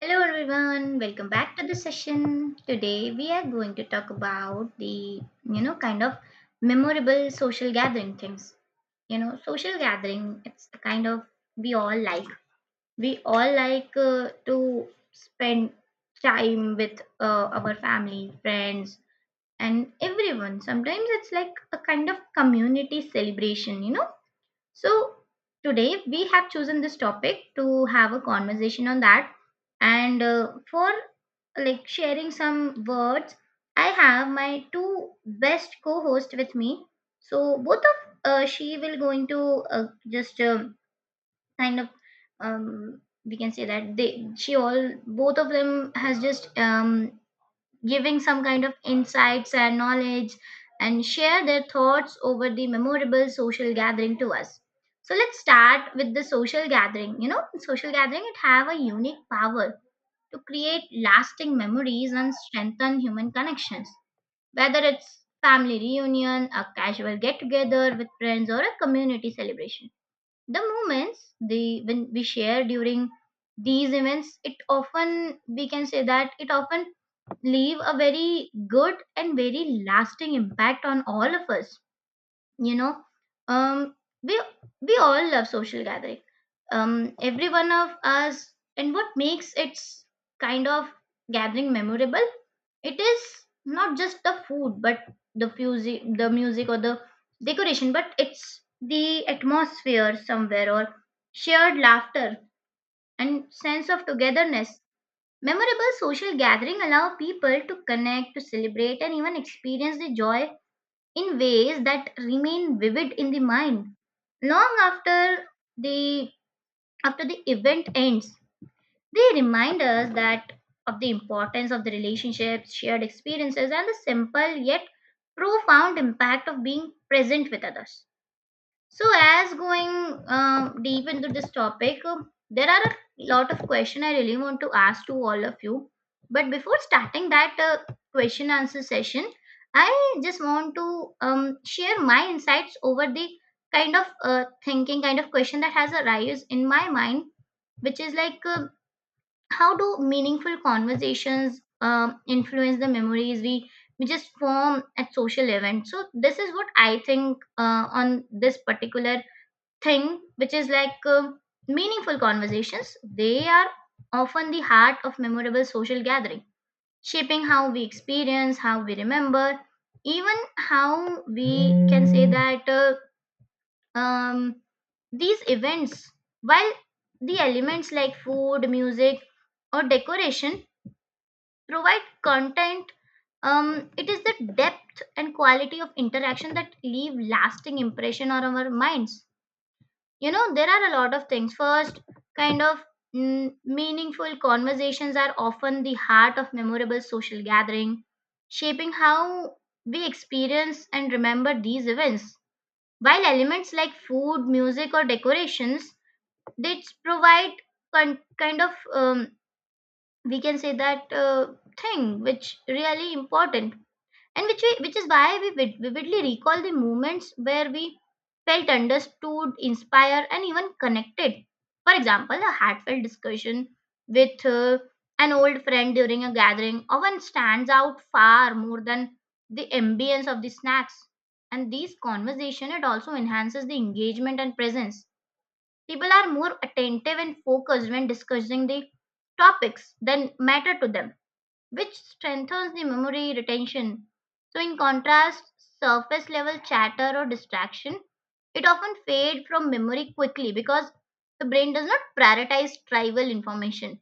Hello everyone, welcome back to the session. Today we are going to talk about the kind of memorable social gathering things. You know, social gathering it's the kind of we all like. We all like to spend time with our family, friends and everyone. Sometimes it's like a kind of community celebration, so, today we have chosen this topic to have a conversation on that. And for like sharing some words, I have my two best co hosts with me. So, both of she will going to just kind of we can say that they she all both of them has just giving some kind of insights and knowledge, and share their thoughts over the memorable social gathering to us. So let's start with the social gathering. You know, social gathering it have a unique power to create lasting memories and strengthen human connections, whether it's family reunion, a casual get together with friends, or a community celebration. The moments the when we share during these events, it often, we can say that it often leave a very good and very lasting impact on all of us. you know um we all love social gathering, every one of us. And what makes its kind of gathering memorable, it is not just the food but the music, or the decoration, but it's the atmosphere somewhere, or shared laughter and sense of togetherness. Memorable social gathering allow people to connect, to celebrate, and even experience the joy in ways that remain vivid in the mind long the after the event ends. They remind us that of the importance of the relationships, shared experiences, and the simple yet profound impact of being present with others. So, as going deep into this topic, there are a lot of questions I really want to ask to all of you. But before starting that question answer session, I just want to share my insights over the kind of thinking, kind of question that has arisen in my mind, which is like, how do meaningful conversations influence the memories we just form at social events? So this is what I think on this particular thing, which is like, meaningful conversations, they are often the heart of memorable social gathering, shaping how we experience, how we remember, even how we can say that um, these events. While the elements like food, music, or decoration provide content, it is the depth and quality of interaction that leave lasting impression on our minds. You know, there are a lot of things. First, kind of, meaningful conversations are often the heart of memorable social gathering, shaping how we experience and remember these events. While elements like food, music, or decorations, they provide kind of, we can say that thing which really important, and which we, which is why we vividly recall the moments where we felt understood, inspired, and even connected. For example, a heartfelt discussion with an old friend during a gathering often stands out far more than the ambience of the snacks. And these conversation, it also enhances the engagement and presence. People are more attentive and focused when discussing the topics that matter to them, which strengthens the memory retention. So, in contrast, surface level chatter or distraction, it often fades from memory quickly because the brain does not prioritize trivial information.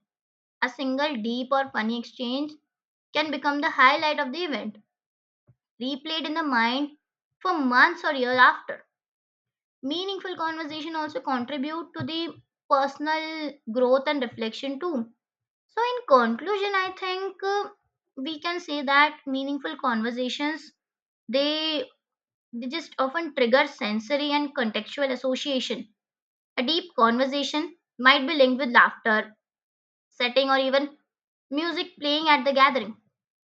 A single deep or funny exchange can become the highlight of the event, replayed in the mind for months or years after. Meaningful conversation also contribute to the personal growth and reflection too. So, in conclusion, I think we can say that meaningful conversations, they they just often trigger sensory and contextual association. A deep conversation might be linked with laughter, setting, or even music playing at the gathering.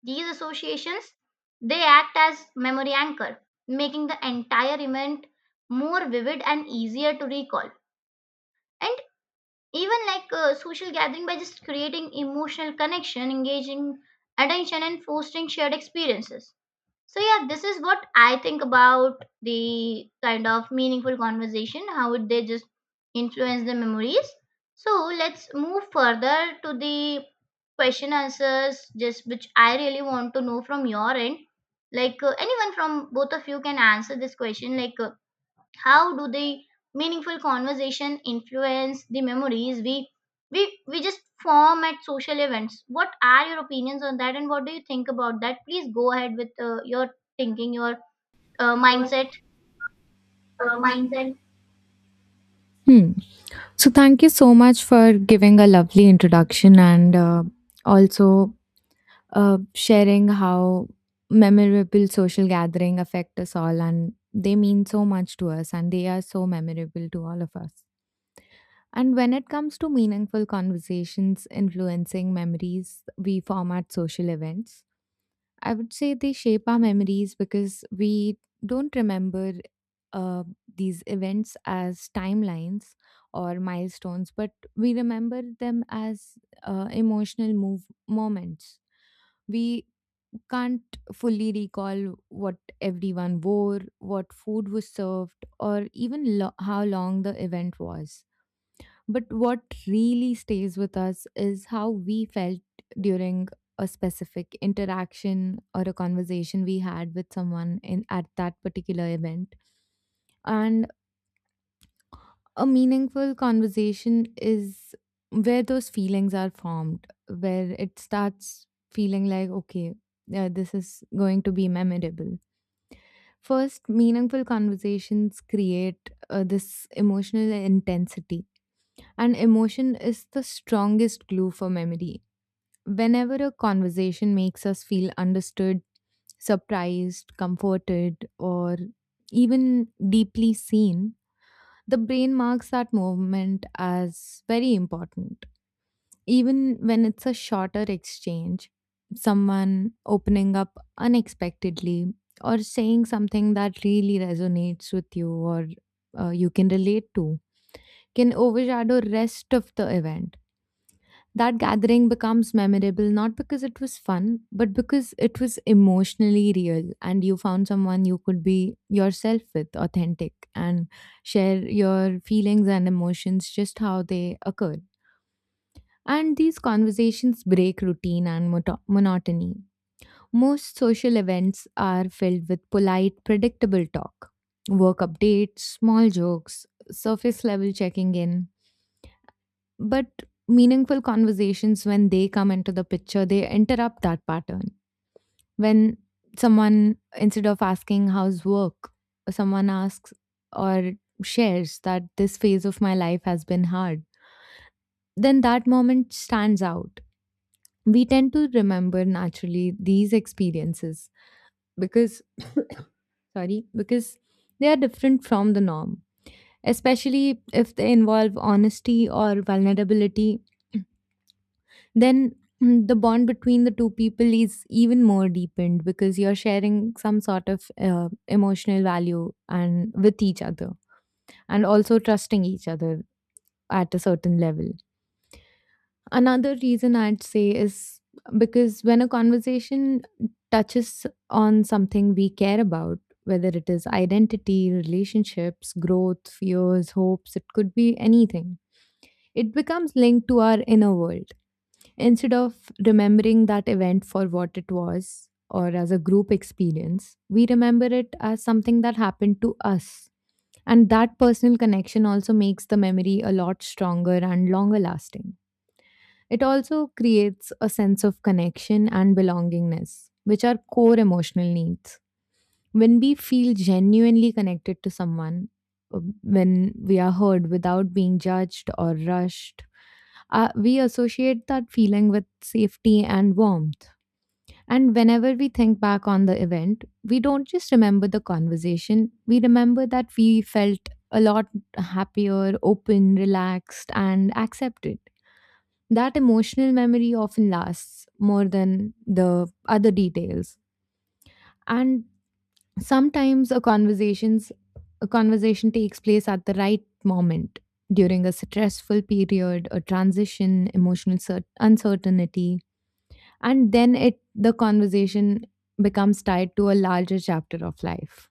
These associations, they act as memory anchor, making the entire event more vivid and easier to recall. And even like social gathering, by just creating emotional connection, engaging attention, and fostering shared experiences. So yeah, this is what I think about the kind of meaningful conversation, how would they just influence the memories. So let's move further to the question answers just which I really want to know from your end. Like, anyone from both of you can answer this question, like, how do the meaningful conversation influence the memories we just form at social events? What are your opinions on that, and what do you think about that? Please go ahead with your thinking, your Your mindset. Mindset. Hmm. So, thank you so much for giving a lovely introduction and also sharing how memorable social gathering affect us all and they mean so much to us and they are so memorable to all of us. And when it comes to meaningful conversations influencing memories we form at social events, I would say they shape our memories because we don't remember uh, these events as timelines or milestones, but we remember them as emotional move moments. We can't fully recall what everyone wore, what food was served, or even how long the event was, but what really stays with us is how we felt during a specific interaction or a conversation we had with someone in at that particular event. And a meaningful conversation is where those feelings are formed, where it starts feeling like, okay, yeah, this is going to be memorable. First, meaningful conversations create this emotional intensity, and emotion is the strongest glue for memory. Whenever a conversation makes us feel understood, surprised, comforted, or even deeply seen, the brain marks that moment as very important. Even when it's a shorter exchange, someone opening up unexpectedly or saying something that really resonates with you or you can relate to can overshadow rest of the event. That gathering becomes memorable not because it was fun, but because it was emotionally real and you found someone you could be yourself with, authentic, and share your feelings and emotions just how they occur. And these conversations break routine and monotony. Most social events are filled with polite, predictable talk, work updates, small jokes, surface level checking in, but meaningful conversations, when they come into the picture, they interrupt that pattern. When someone, instead of asking, "How's work," someone asks or shares that this phase of my life has been hard, then that moment stands out. We tend to remember naturally these experiences because, sorry, because they are different from the norm, especially if they involve honesty or vulnerability. Then the bond between the two people is even more deepened because you're sharing some sort of emotional value and with each other and also trusting each other at a certain level. Another reason I'd say is because when a conversation touches on something we care about, whether it is identity, relationships, growth, fears, hopes, it could be anything, it becomes linked to our inner world. Instead of remembering that event for what it was or as a group experience, we remember it as something that happened to us. And that personal connection also makes the memory a lot stronger and longer lasting. It also creates a sense of connection and belongingness, which are core emotional needs. When we feel genuinely connected to someone, when we are heard without being judged or rushed, we associate that feeling with safety and warmth. And whenever we think back on the event, we don't just remember the conversation, we remember that we felt a lot happier, open, relaxed, and accepted. That emotional memory often lasts more than the other details. And sometimes a conversation takes place at the right moment during a stressful period, a transition, emotional uncertainty, and then it the conversation becomes tied to a larger chapter of life.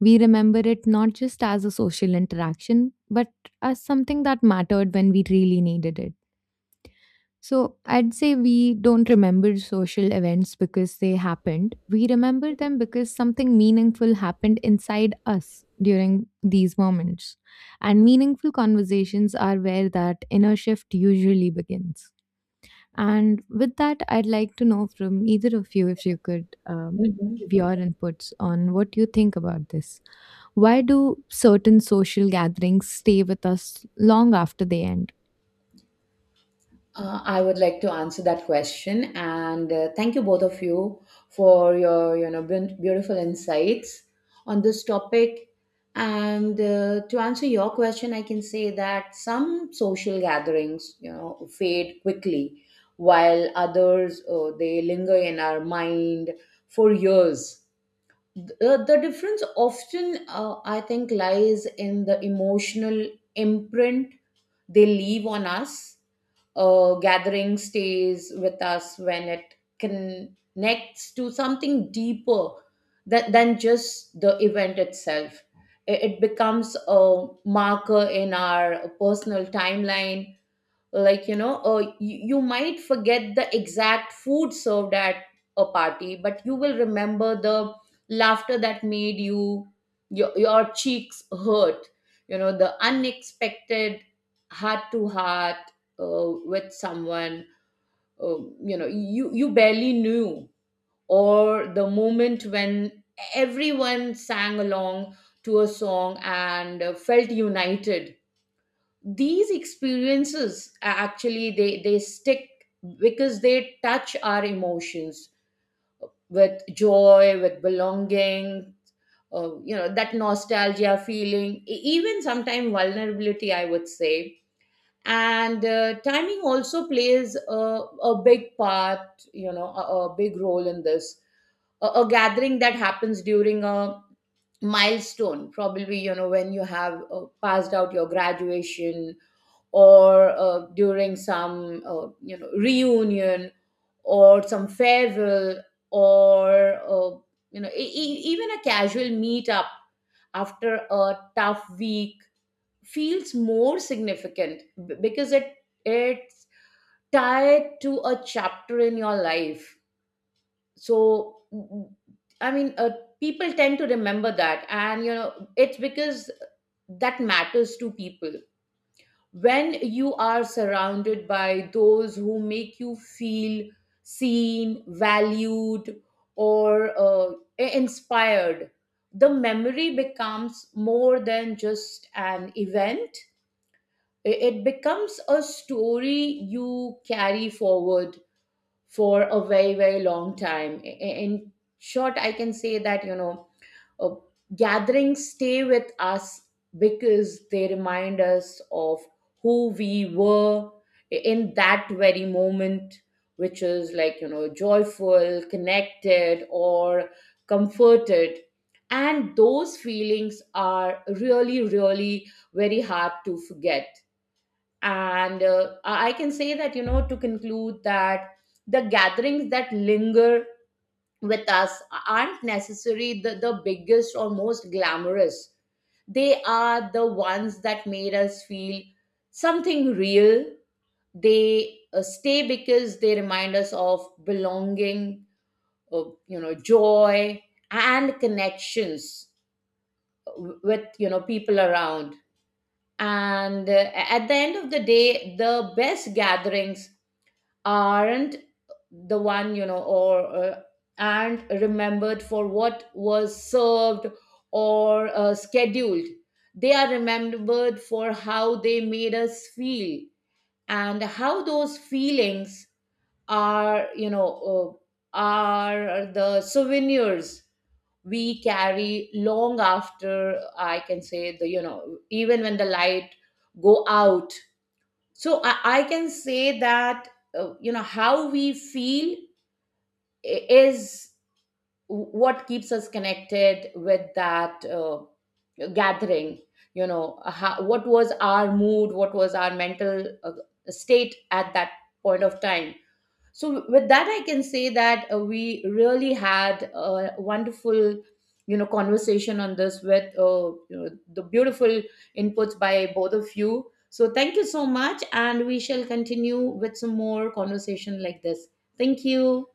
We remember it not just as a social interaction, but as something that mattered when we really needed it. So I'd say we don't remember social events because they happened. We remember them because something meaningful happened inside us during these moments. And meaningful conversations are where that inner shift usually begins. And with that, I'd like to know from either of you if you could give Mhm. your inputs on what you think about this. Why do certain social gatherings stay with us long after they end? I would like to answer that question, and thank you both of you for your beautiful insights on this topic. And To answer your question, I can say that some social gatherings fade quickly, while others they linger in our mind for years. The difference often, I think, lies in the emotional imprint they leave on us. Uh, gathering stays with us when it connects to something deeper than just the event itself. It becomes a marker in our personal timeline, like you might forget the exact food served at a party, but you will remember the laughter that made your cheeks hurt, the unexpected heart to heart with someone, uh, you barely knew, or the moment when everyone sang along to a song and felt united. These experiences, actually they stick because they touch our emotions, with joy, with belonging, that nostalgia feeling, even sometimes vulnerability, I would say. And Timing also plays a big part, a big role in this. A gathering that happens during a milestone, probably, when you have passed out your graduation, or during some reunion, or some farewell, or even a casual meetup after a tough week feels more significant because it's tied to a chapter in your life. So i mean uh, people tend to remember that, and it's because that matters to people. When you are surrounded by those who make you feel seen, valued, or inspired, the memory becomes more than just an event. It becomes a story you carry forward for a very, very long time. In short, I can say that, uh, gatherings stay with us because they remind us of who we were in that very moment, which is joyful, connected, or comforted, and those feelings are really, really very hard to forget. And I can say that, to conclude, that the gatherings that linger with us aren't necessarily the biggest or most glamorous. They are the ones that made us feel something real. They stay because they remind us of belonging, of, joy and connections with, people around. And at the end of the day, the best gatherings aren't the one, or and remembered for what was served or scheduled. They are remembered for how they made us feel, and how those feelings are, are the souvenirs we carry long after, I can say, the you know even when the light go out. So I can say that how we feel is what keeps us connected with that gathering. How, what was our mood, what was our mental state at that point of time. So with that, I can say that we really had a wonderful, conversation on this, with the beautiful inputs by both of you. So thank you so much, and we shall continue with some more conversation like this. Thank you.